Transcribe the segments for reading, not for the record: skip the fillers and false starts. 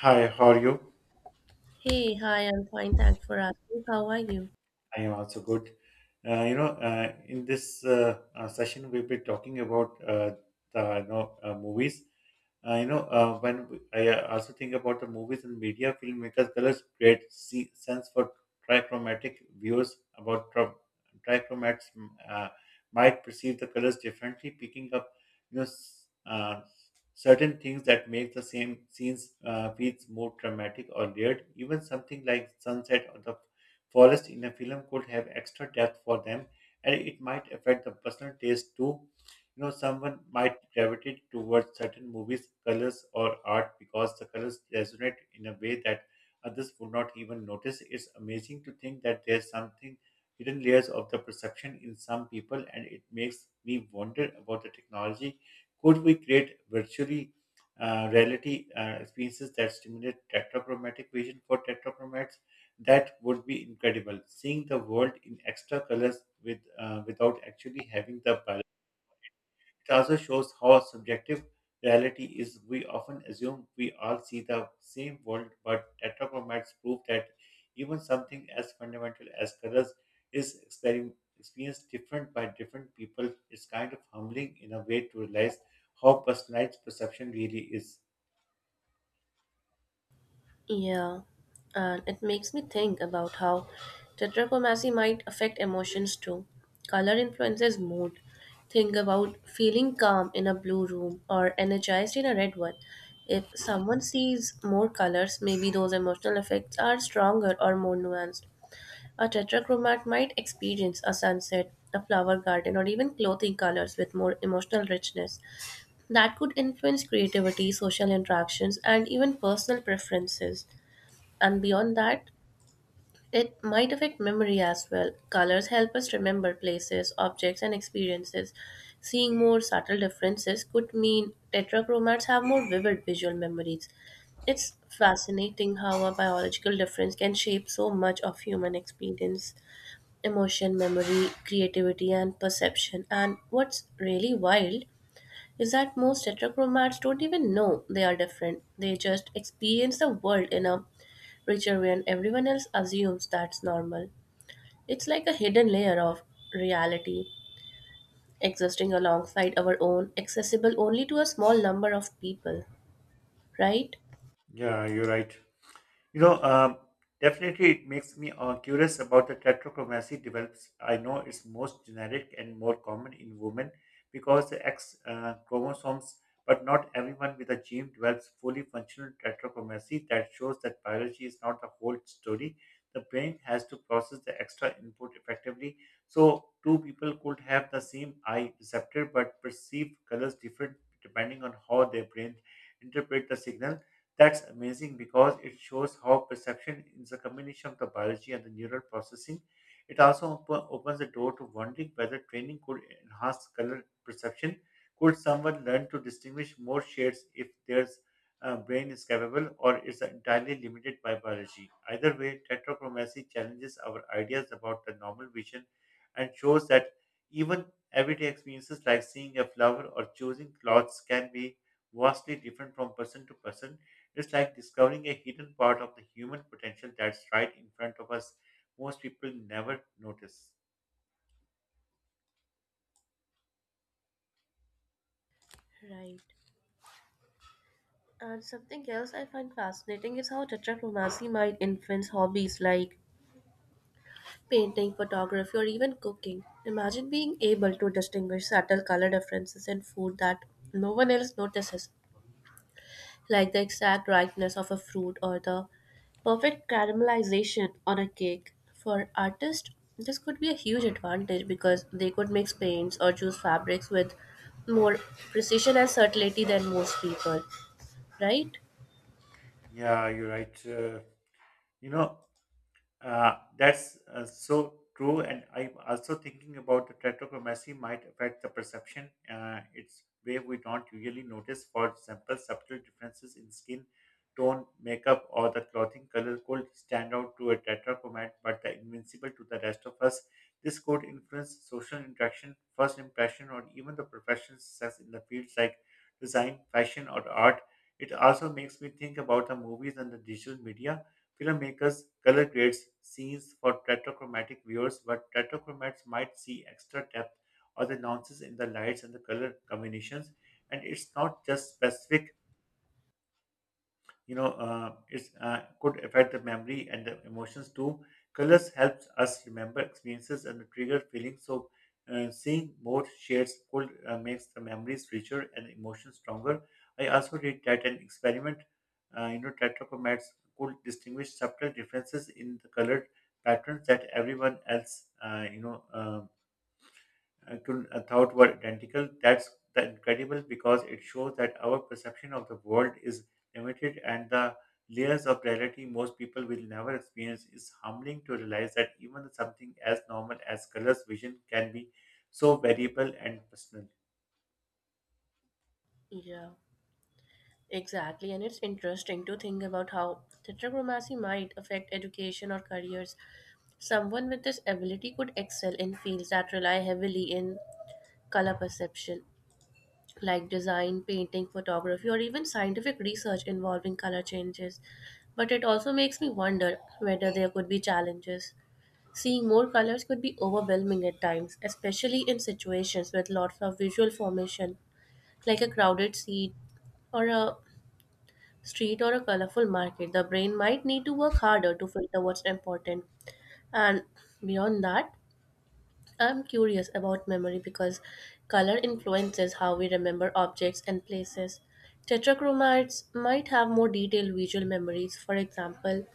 Hi, how are you? Hey, hi, I'm fine. Thanks for asking. How are you? I am also good. In this session, we'll be talking about the movies. When I also think about the movies and media, filmmakers colors create sense for trichromatic viewers about trichromats might perceive the colors differently, picking up you know s- uh, certain things that make the same scenes feels more dramatic or layered. Even something like sunset or the forest in a film could have extra depth for them, and it might affect the personal taste too. Someone might gravitate towards certain movies, colors, or art because the colors resonate in a way that others would not even notice. It's amazing to think that there's something hidden layers of the perception in some people, and it makes me wonder about the technology. Could we create virtually reality experiences that stimulate tetrachromatic vision for tetrachromats? That would be incredible. Seeing the world in extra colors with without actually having the biological. It also shows how subjective reality is. We often assume we all see the same world, but tetrachromats prove that even something as fundamental as colors is experienced different by different people. It's kind of humbling in a way to realize how personalized perception really is. Yeah, and it makes me think about how tetrachromacy might affect emotions too. Color influences mood. Think about feeling calm in a blue room or energized in a red one. If someone sees more colors, maybe those emotional effects are stronger or more nuanced. A tetrachromat might experience a sunset, a flower garden, or even clothing colors with more emotional richness. That could influence creativity, social interactions, and even personal preferences. And beyond that, it might affect memory as well. Colors help us remember places, objects, and experiences. Seeing more subtle differences could mean tetrachromats have more vivid visual memories. It's fascinating how a biological difference can shape so much of human experience, emotion, memory, creativity, and perception. And what's really wild is that most heterochromats don't even know they are different. They just experience the world in a richer way, and everyone else assumes that's normal. It's like a hidden layer of reality existing alongside our own, accessible only to a small number of people, right? Yeah, you're right. You know, um, definitely it makes me curious about the tetrachromacy develops. I know it's most generic and more common in women because the X chromosomes, but not everyone with a gene develops fully functional tetrachromacy. That shows that biology is not the whole story. The brain has to process the extra input effectively. So, two people could have the same eye receptor but perceive colors different depending on how their brain interpret the signal. That's amazing because it shows how perception is a combination of the biology and the neural processing. It also opens the door to wondering whether training could enhance color perception. Could someone learn to distinguish more shades if their brain is capable, or is entirely limited by biology? Either way, tetrachromacy challenges our ideas about the normal vision and shows that even everyday experiences like seeing a flower or choosing clothes can be vastly different from person to person. It's like discovering a hidden part of the human potential that's right in front of us. Most people never notice. Right. And something else I find fascinating is how tetrachromacy might influence hobbies like painting, photography, or even cooking. Imagine being able to distinguish subtle color differences in food that no one else notices, like the exact ripeness of a fruit or the perfect caramelization on a cake. For artists, this could be a huge advantage because they could mix paints or choose fabrics with more precision and subtlety than most people, right? Yeah, you're right. You know, that's so true, and I'm also thinking about the tetrachromacy might affect the perception. It's way we don't usually notice. For example, subtle differences in skin tone, makeup, or the clothing color could stand out to a tetrachromat, but are invincible to the rest of us. This could influence social interaction, first impression, or even the professional success in the fields like design, fashion, or art. It also makes me think about the movies and the digital media. Filmmakers color grades scenes for tetrachromatic viewers, but tetrachromats might see extra depth or the nuances in the lights and the color combinations. And it's not just specific, it's could affect the memory and the emotions too. Colors helps us remember experiences and trigger feelings, so seeing more shades could makes the memories richer and emotions stronger. I also did that an experiment, tetrachromats could distinguish subtle differences in the colored patterns that everyone else, you know to a thought were identical. That's the incredible because it shows that our perception of the world is limited, and the layers of reality most people will never experience is humbling to realize that even something as normal as colors vision can be so variable and personal. Yeah. Exactly, and it's interesting to think about how tetrachromacy might affect education or careers. Someone with this ability could excel in fields that rely heavily in color perception, like design, painting, photography, or even scientific research involving color changes. But it also makes me wonder whether there could be challenges. Seeing more colors could be overwhelming at times, especially in situations with lots of visual formation, like a crowded seat or a street or a colorful market, the brain might need to work harder to filter what's important. And beyond that, I'm curious about memory because color influences how we remember objects and places. Tetrachromites might have more detailed visual memories, for example,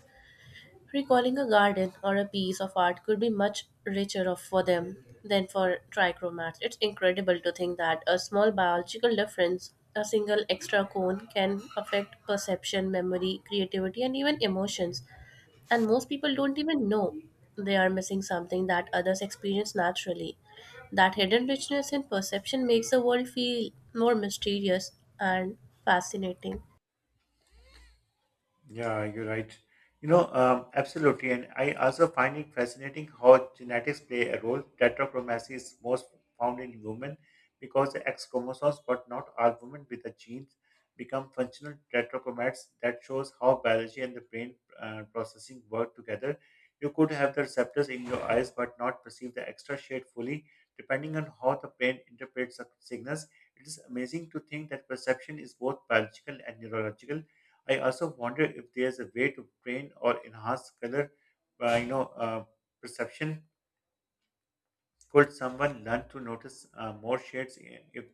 recalling a garden or a piece of art could be much richer of, for them than for trichromats. It's incredible to think that a small biological difference, a single extra cone, can affect perception, memory, creativity, and even emotions. And most people don't even know they are missing something that others experience naturally. That hidden richness in perception makes the world feel more mysterious and fascinating. Yeah, you're right. Absolutely. And I also find it fascinating how genetics play a role. Tetrachromacy is most found in women because the X chromosomes, but not all women with the genes become functional tetrachromats. That shows how biology and the brain processing work together. You could have the receptors in your eyes, but not perceive the extra shade fully, depending on how the brain interprets the signals. It is amazing to think that perception is both biological and neurological. I also wonder if there's a way to train or enhance color, uh, you know, uh, perception. Could someone learn to notice more shades if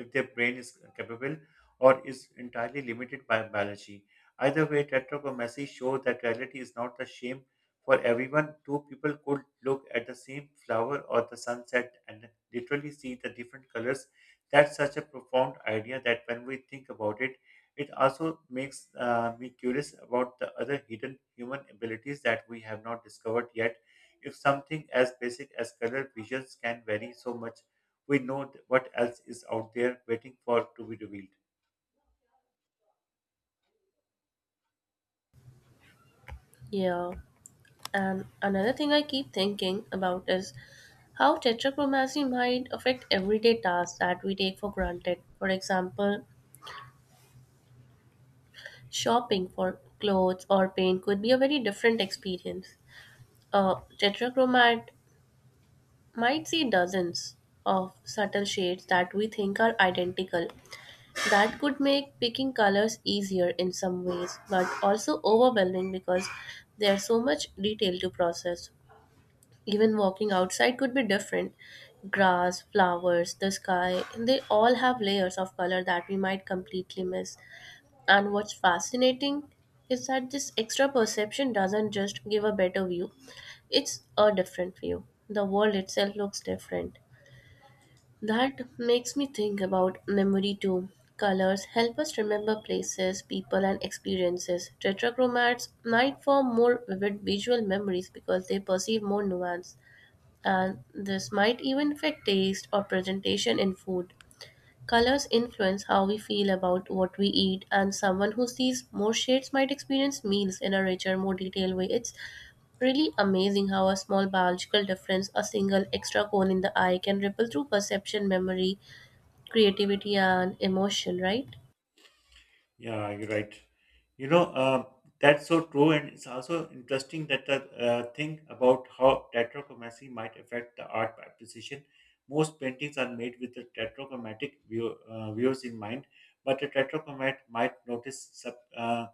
if their brain is capable or is entirely limited by biology? Either way, Tetrag or Messi show that reality is not the same for everyone. Two people could look at the same flower or the sunset and literally see the different colors. That's such a profound idea that when we think about it, it also makes me curious about the other hidden human abilities that we have not discovered yet. If something as basic as color visions can vary so much, we know what else is out there waiting for to be revealed. Yeah. And another thing I keep thinking about is how tetrachromacy might affect everyday tasks that we take for granted. For example, shopping for clothes or paint could be a very different experience. A tetrachromat might see dozens of subtle shades that we think are identical. That could make picking colors easier in some ways, but also overwhelming because there's so much detail to process. Even walking outside could be different. Grass, flowers, the sky, they all have layers of color that we might completely miss. And what's fascinating is that this extra perception doesn't just give a better view, it's a different view. The world itself looks different. That makes me think about memory too. Colors help us remember places, people, and experiences. Tetrachromats might form more vivid visual memories because they perceive more nuance, and this might even affect taste or presentation in food. Colors influence how we feel about what we eat, and someone who sees more shades might experience meals in a richer, more detailed way. It's really amazing how a small biological difference, a single extra cone in the eye, can ripple through perception, memory, creativity, and emotion, right? Yeah, you're right. You know, uh, that's so true, and it's also interesting that the thing about how tetrachromacy might affect the art appreciation. Most paintings are made with the tetrachromatic views in mind, but a tetrachromat might notice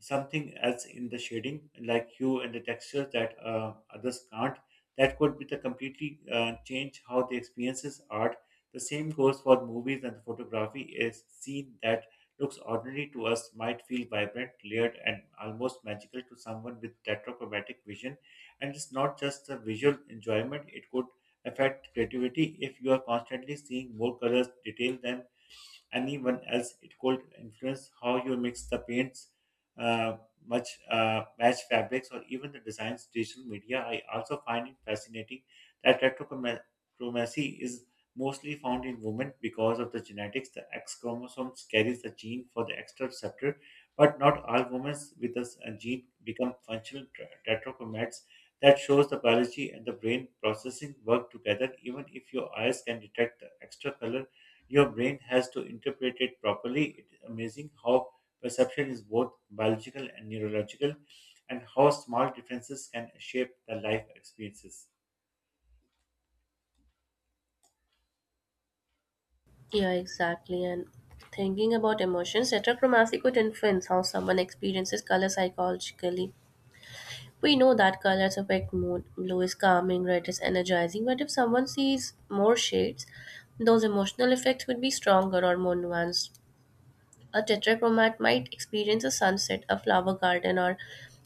something else in the shading, like hue and the textures that others can't. That could be the completely change how the experiences art. The same goes for movies and photography. A scene that looks ordinary to us might feel vibrant, layered, and almost magical to someone with tetrachromatic vision. And it's not just the visual enjoyment; it could affect creativity if you are constantly seeing more colors, detail than anyone else. It could influence how you mix the paints, uh, much match fabrics, or even the designs. Digital media. I also find it fascinating that retrochromacy is mostly found in women because of the genetics. The X chromosome carries the gene for the extra receptor, but not all women with this gene become functional tetrachromats. That shows the biology and the brain processing work together. Even if your eyes can detect the extra color, your brain has to interpret it properly. It's amazing how perception is both biological and neurological, and how small differences can shape the life experiences. Yeah, exactly. And thinking about emotions, heterochromacy could influence how someone experiences color psychologically. We know that colors affect mood. Blue is calming, red is energizing, but if someone sees more shades, those emotional effects would be stronger or more nuanced. A tetrachromat might experience a sunset, a flower garden, or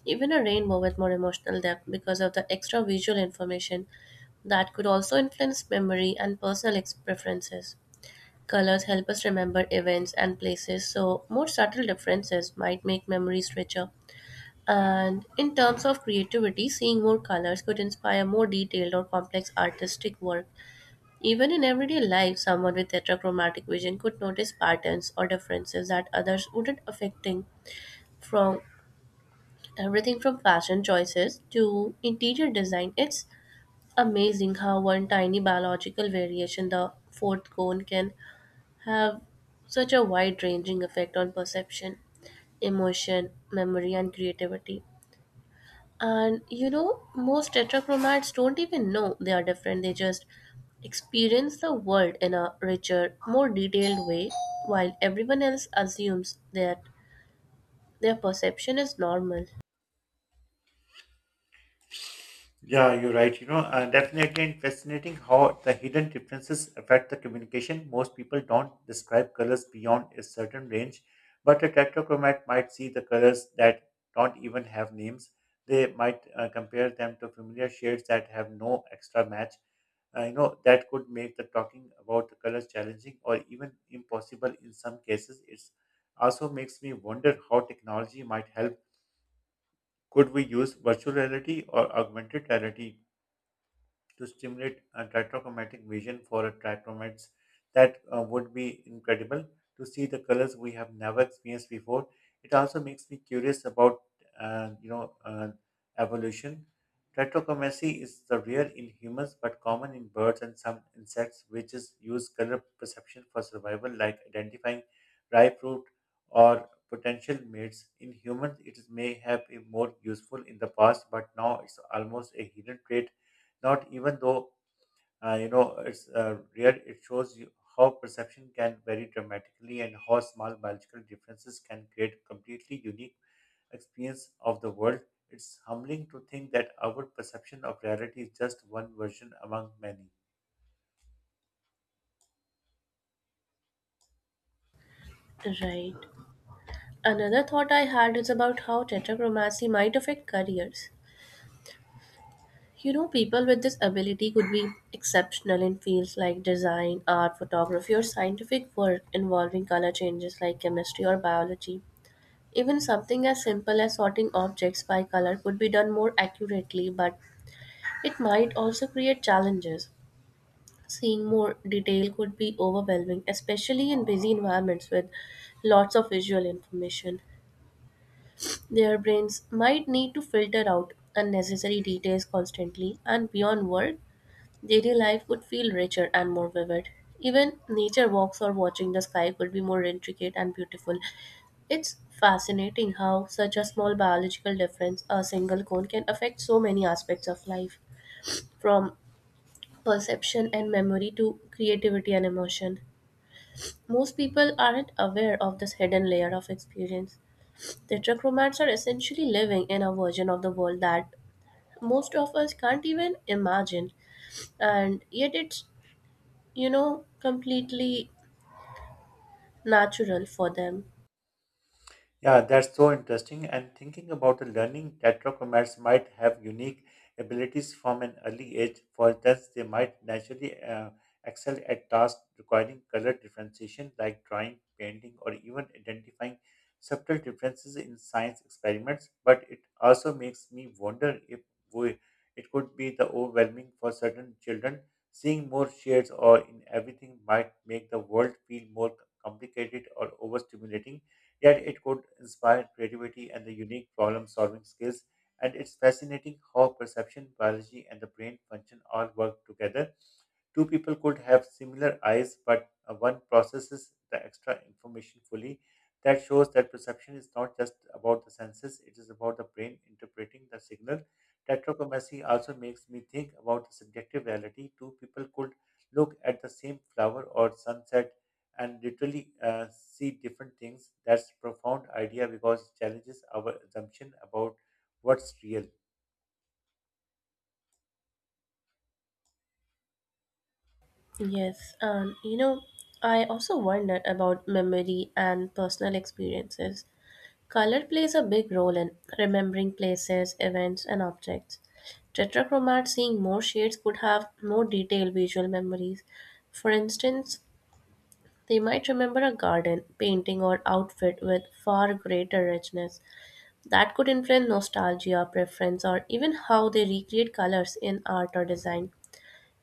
even a rainbow with more emotional depth because of the extra visual information that could also influence memory and personal preferences. Colors help us remember events and places, so more subtle differences might make memories richer. And in terms of creativity, seeing more colors could inspire more detailed or complex artistic work. Even in everyday life, someone with heterochromatic vision could notice patterns or differences that others wouldn't, affecting from everything from fashion choices to interior design. It's amazing how one tiny biological variation, the fourth cone, can have such a wide ranging effect on perception, emotion, memory, and creativity. And you know, most tetrachromats don't even know they are different. They just experience the world in a richer, more detailed way, while everyone else assumes that their perception is normal. Yeah, you're right. Definitely and fascinating how the hidden differences affect the communication. Most people don't describe colors beyond a certain range, but a tetrachromat might see the colors that don't even have names. They might compare them to familiar shades that have no extra match. That could make the talking about the colors challenging or even impossible in some cases. It also makes me wonder how technology might help. Could we use virtual reality or augmented reality to stimulate a tetrachromatic vision for a tetrachromates? That would be incredible to see the colors we have never experienced before. It also makes me curious about, uh, you know, uh, evolution. Tetrachromacy is the rare in humans but common in birds and some insects, which is use color perception for survival, like identifying ripe fruit or potential mates. In humans, may have been more useful in the past, but now it's almost a hidden trait. Not even though, it's rare, it shows you how perception can vary dramatically and how small biological differences can create completely unique experience of the world. It's humbling to think that our perception of reality is just one version among many. Right. Another thought I had is about how tetrachromacy might affect careers. You know, people with this ability could be exceptional in fields like design, art, photography, or scientific work involving color changes like chemistry or biology. Even something as simple as sorting objects by color could be done more accurately, but it might also create challenges. Seeing more detail could be overwhelming, especially in busy environments with lots of visual information. Their brains might need to filter out unnecessary details constantly, and beyond work, daily life would feel richer and more vivid. Even nature walks or watching the sky could be more intricate and beautiful. It's fascinating how such a small biological difference, a single cone, can affect so many aspects of life, from perception and memory to creativity and emotion. Most people aren't aware of this hidden layer of experience. Tetrachromats are essentially living in a version of the world that most of us can't even imagine, and yet it's, you know, completely natural for them. Yeah, that's so interesting. And thinking about the learning, tetrachromats might have unique abilities from an early age. For instance, they might naturally excel at tasks requiring color differentiation, like drawing, painting, or even identifying subtle differences in science experiments. But it also makes me wonder if we, it could be the overwhelming for certain children. Seeing more shades or in everything might make the world feel more complicated or overstimulating. Yet it could inspire creativity and the unique problem solving skills. And it's fascinating how perception, biology, and the brain function all work together. Two people could have similar eyes, but one processes the extra information fully. That shows that perception is not just about the senses, it is about the brain interpreting the signal. Tetrachromacy also makes me think about the subjective reality. Two people could look at the same flower or sunset and literally see different things. That's profound idea because it challenges our assumption about what's real. Yes, you know, I also wondered about memory and personal experiences. Color plays a big role in remembering places, events, and objects. Tetrachromat seeing more shades could have more detailed visual memories. For instance, they might remember a garden, painting, or outfit with far greater richness. That could influence nostalgia, preference, or even how they recreate colors in art or design.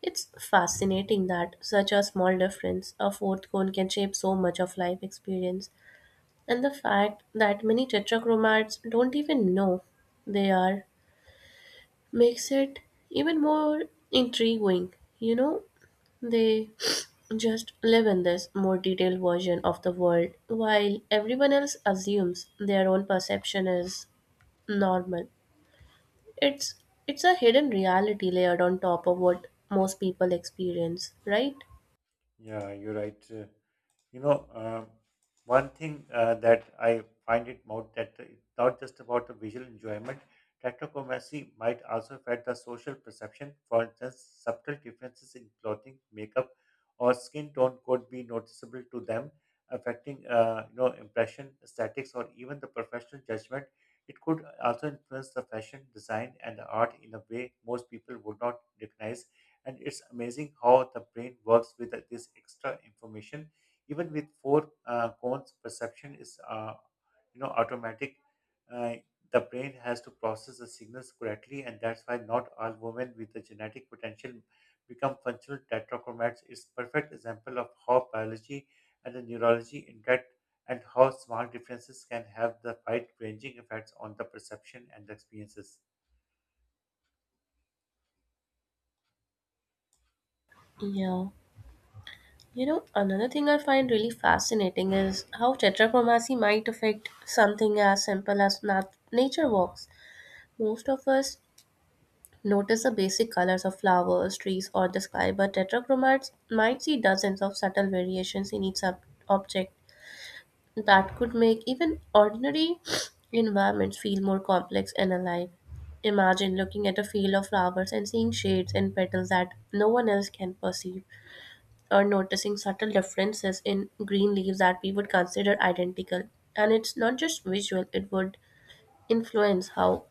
It's fascinating that such a small difference, a fourth cone, can shape so much of life experience. And the fact that many tetrachromats don't even know they are makes it even more intriguing. You know, they just live in this more detailed version of the world, while everyone else assumes their own perception is normal. It's it's a hidden reality layered on top of what most people experience, right? Yeah, you're right. You know, um one thing that I find it more that it's not just about the visual enjoyment. Tetrachromacy might also affect the social perception. For instance, subtle differences in clothing, makeup, or skin tone could be noticeable to them, affecting impression, aesthetics, or even the professional judgment. It could also influence the fashion, design, and the art in a way most people would not recognize. And it's amazing how the brain works with this extra information even with four cones. Perception is automatic. uh, the brain has to process the signals correctly, and that's why not all women with the genetic potential become functional tetrachromats is perfect example of how biology and the neurology interact, and how small differences can have the wide ranging effects on the perception and the experiences. Yeah. You know, another thing I find really fascinating is how tetrachromacy might affect something as simple as nature walks. Most of us notice the basic colors of flowers, trees, or the sky, but tetrachromats might see dozens of subtle variations in each object that could make even ordinary environments feel more complex and alive. Imagine looking at a field of flowers and seeing shades and petals that no one else can perceive or noticing subtle differences in green leaves that we would consider identical. And it's not just visual, it would influence how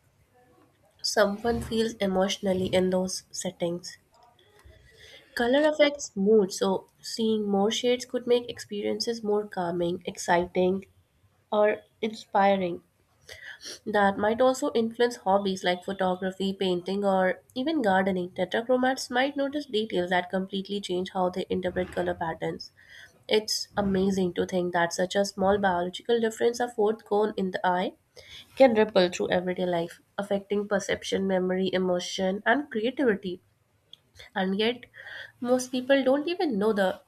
someone feels emotionally in those settings. Color affects mood, so seeing more shades could make experiences more calming, exciting, or inspiring. That might also influence hobbies like photography, painting, or even gardening. Tetrachromats might notice details that completely change how they interpret color patterns. It's amazing to think that such a small biological difference, a fourth cone in the eye, can ripple through everyday life, affecting perception, memory, emotion, and creativity. And yet, most people don't even know the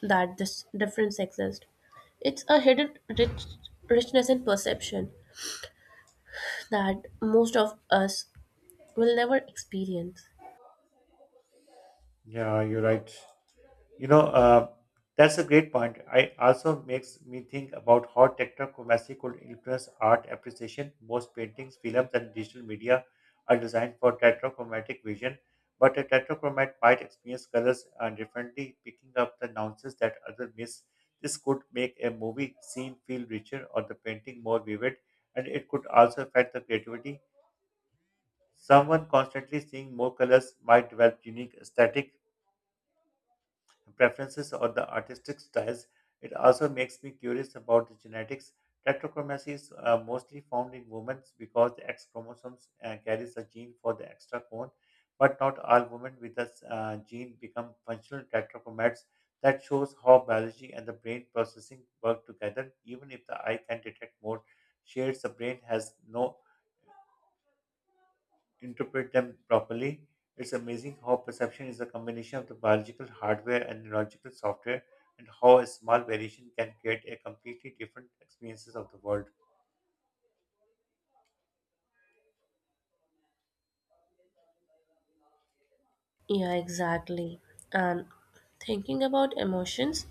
that this difference exists. It's a hidden richness in perception that most of us will never experience. Yeah, you're right. You know, uh, that's a great point. I also makes me think about how technochromacy could influence art appreciation. Most paintings, films, and digital media are designed for tetrachromatic vision, but a tetrachromat might experience colors differently, picking up the nuances that others miss. This could make a movie scene feel richer or the painting more vivid, and it could also affect the creativity. Someone constantly seeing more colors might develop unique aesthetic preferences or the artistic styles. It also makes me curious about the genetics. Tetrachromacy is mostly found in women because the X chromosomes carries a gene for the extra cone, but not all women with this gene become functional tetrachromats. That shows how biology and the brain processing work together. Even if the eye can detect more shades, the brain has no interpret them properly. It's amazing how perception is a combination of the biological hardware and neurological software, and how a small variation can create a completely different experiences of the world. Yeah, exactly. And thinking about emotions,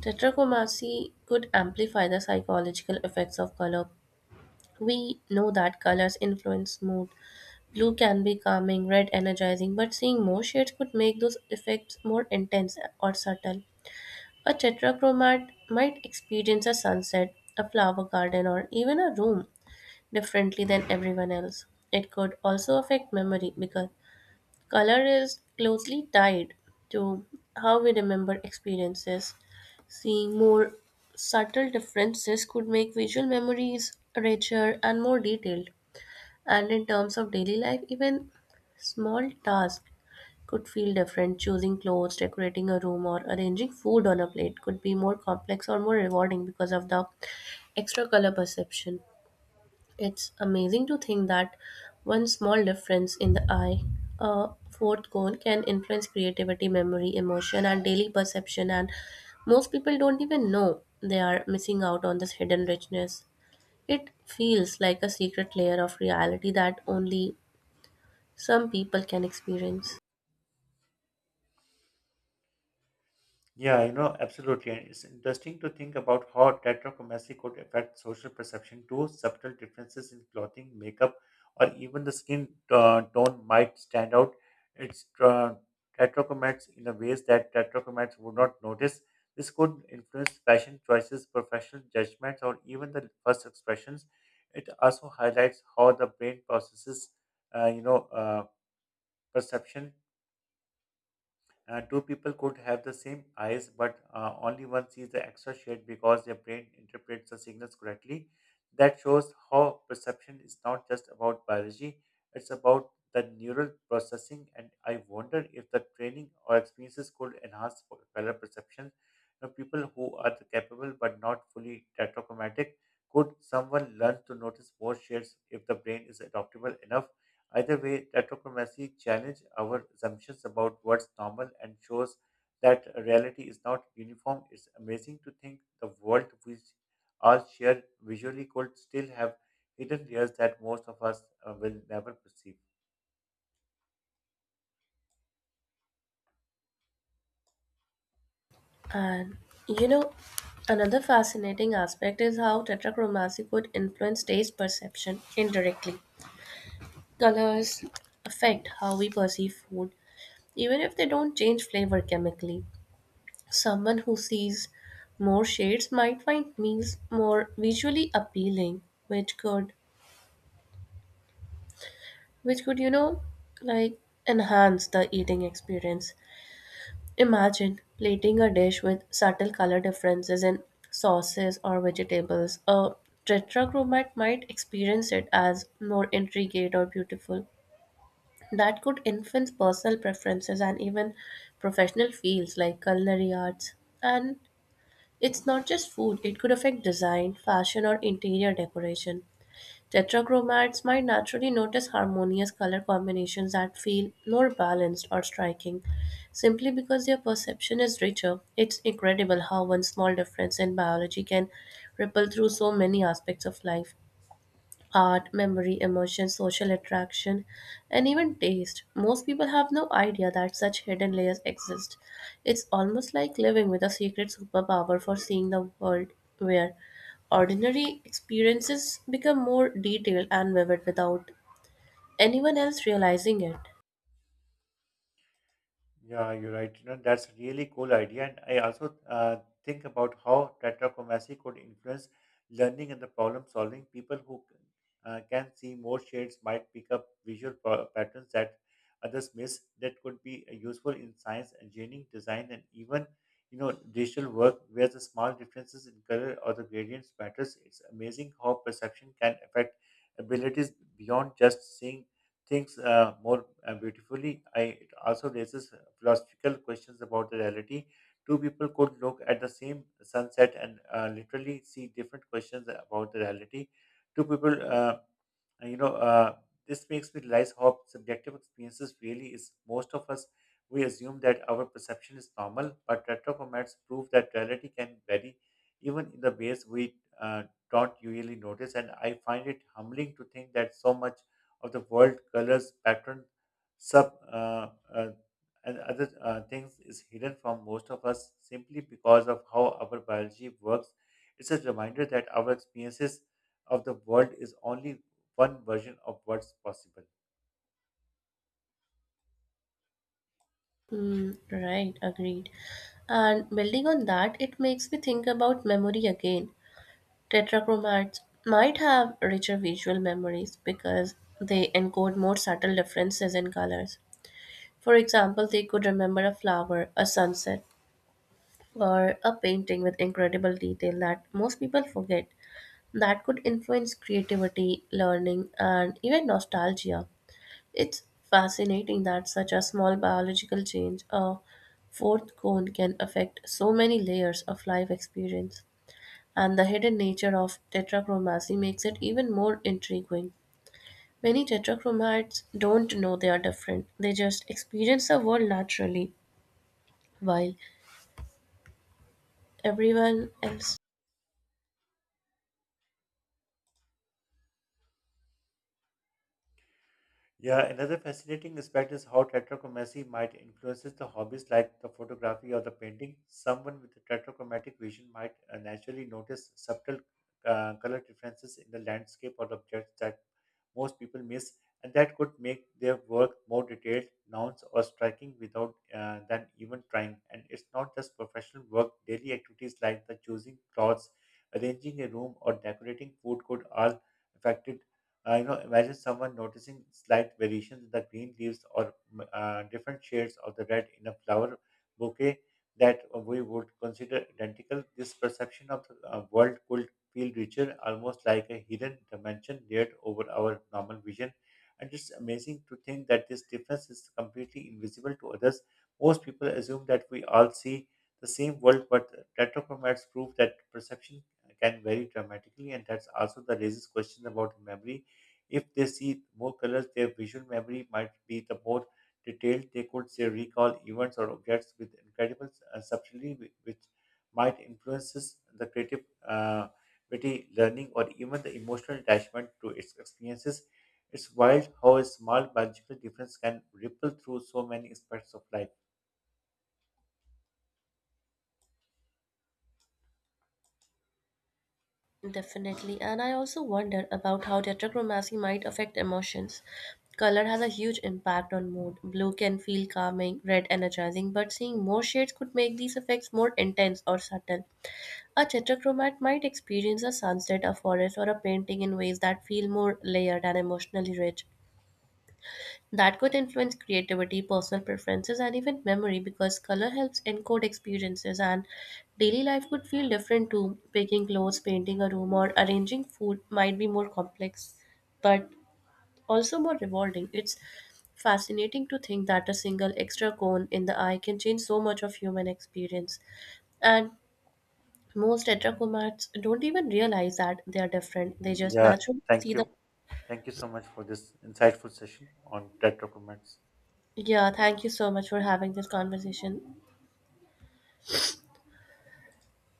tetrachromacy could amplify the psychological effects of color. We know that colors influence mood. Blue can be calming, red energizing, but seeing more shades could make those effects more intense or subtle. A tetrachromat might experience a sunset, a flower garden, or even a room differently than everyone else. It could also affect memory because color is closely tied to how we remember experiences. Seeing more subtle differences could make visual memories richer and more detailed. And in terms of daily life, even small tasks could feel different. Choosing clothes, decorating a room, or arranging food on a plate could be more complex or more rewarding because of the extra color perception. It's amazing to think that one small difference in the eye, a fourth cone, can influence creativity, memory, emotion, and daily perception. And most people don't even know they are missing out on this hidden richness. It feels like a secret layer of reality that only some people can experience. Yeah, you know, absolutely. And it's interesting to think about how tetrachromacy could affect social perception too. Subtle differences in clothing, makeup, or even the skin tone might stand out. It's Tetrachromates in a ways that tetrachromates would not notice. This could influence fashion choices, professional judgments, or even the first expressions. It also highlights how the brain processes, uh, you know, uh, perception. Two people could have the same eyes, but only one sees the extra shade because their brain interprets the signals correctly. That shows how perception is not just about biology, it's about the neural processing. And I wonder if the training or experiences could enhance color perception. You know, people who are capable but not fully tetrachromatic, could someone learn to notice more shades if the brain is adaptable enough? Either way, retrochromosy challenges our assumptions about what's normal and shows that reality is not uniform. It's amazing to think the world we all share visually could still have hidden layers that most of us will never perceive. And you know, another fascinating aspect is how tetrachromacy could influence taste perception indirectly. Colors affect how we perceive food, even if they don't change flavor chemically, someone who sees more shades might find meals more visually appealing, which could, which could, you know, like enhance the eating experience. Imagine plating a dish with subtle color differences in sauces or vegetables. A tetrachromat might experience it as more intricate or beautiful. That could influence personal preferences and even professional fields like culinary arts. And it's not just food, it could affect design, fashion, or interior decoration. Tetrachromats might naturally notice harmonious color combinations that feel more balanced or striking simply because their perception is richer. It's incredible how one small difference in biology can ripple through so many aspects of life: art, memory, emotion, social attraction, and even taste. Most people have no idea that such hidden layers exist. It's almost like living with a secret superpower for seeing the world, where ordinary experiences become more detailed and vivid without anyone else realizing it. Yeah, you're right. You know, that's a really cool idea. And I also think about how tetrachromacy could influence learning and the problem solving. People who can see more shades might pick up visual patterns that others miss. That could be useful in science, engineering, design, and even digital work where the small differences in color or the gradients matters. It's amazing how perception can affect abilities beyond just seeing things more beautifully. It also raises philosophical questions about the reality. Two people could look at the same sunset and literally see different questions about the reality. Two people, you know, This makes me realize how subjective experiences really is. Most of us, we assume that our perception is normal, but retroformats prove that reality can vary even in the ways we don't usually notice. And I find it humbling to think that so much of the world, colors, pattern, sub, uh, uh, and other things is hidden from most of us simply because of how our biology works. It's a reminder that our experiences of the world is only one version of what's possible. Hmm. Right, agreed. And building on that, it makes me think about memory again. Tetrachromats might have richer visual memories because they encode more subtle differences in colors. For example, they could remember a flower, a sunset, or a painting with incredible detail that most people forget. That could influence creativity, learning, and even nostalgia. It's fascinating that such a small biological change, a fourth cone, can affect so many layers of life experience, and the hidden nature of tetrachromacy makes it even more intriguing. Many tetrachromites don't know they are different, they just experience the world naturally, while everyone else Yeah, another fascinating aspect is how tetrachromacy might influences the hobbies like the photography or the painting. Someone with a tetrachromatic vision might naturally notice subtle color differences in the landscape or the objects that most people miss, and that could make their work more detailed, nuanced, or striking without than even trying. And it's not just professional work; daily activities like the choosing clothes, arranging a room, or decorating food could all affected. You know, imagine someone noticing slight variations in the green leaves or different shades of the red in a flower bouquet that we would consider identical. This perception of the world could feel richer, almost like a hidden dimension layered over our normal vision. And it's amazing to think that this difference is completely invisible to others. Most people assume that we all see the same world, but retrochromats prove that perception can vary dramatically, and that's also the raises questions about memory. If they see more colors, their visual memory might be the more detailed. They could say recall events or objects with incredible subtlety, which might influences the creative uh, creativity, learning, or even the emotional attachment to its experiences. It's wild how a small biological difference can ripple through so many aspects of life. definitely. And I also wonder about how tetrachromacy might affect emotions. Color has a huge impact on mood. Blue can feel calming, red energizing, but seeing more shades could make these effects more intense or subtle. A tetrachromat might experience a sunset, a forest, or a painting in ways that feel more layered and emotionally rich. That could influence creativity, personal preferences, and even memory because color helps encode experiences, and daily life could feel different too. Picking clothes, painting a room, or arranging food might be more complex, but also more rewarding. It's fascinating to think that a single extra cone in the eye can change so much of human experience. And most heterochromats don't even realize that they are different. They just Yeah, naturally see thank them. you. Thank you so much for this insightful session on TED documents. Yeah, thank you so much for having this conversation.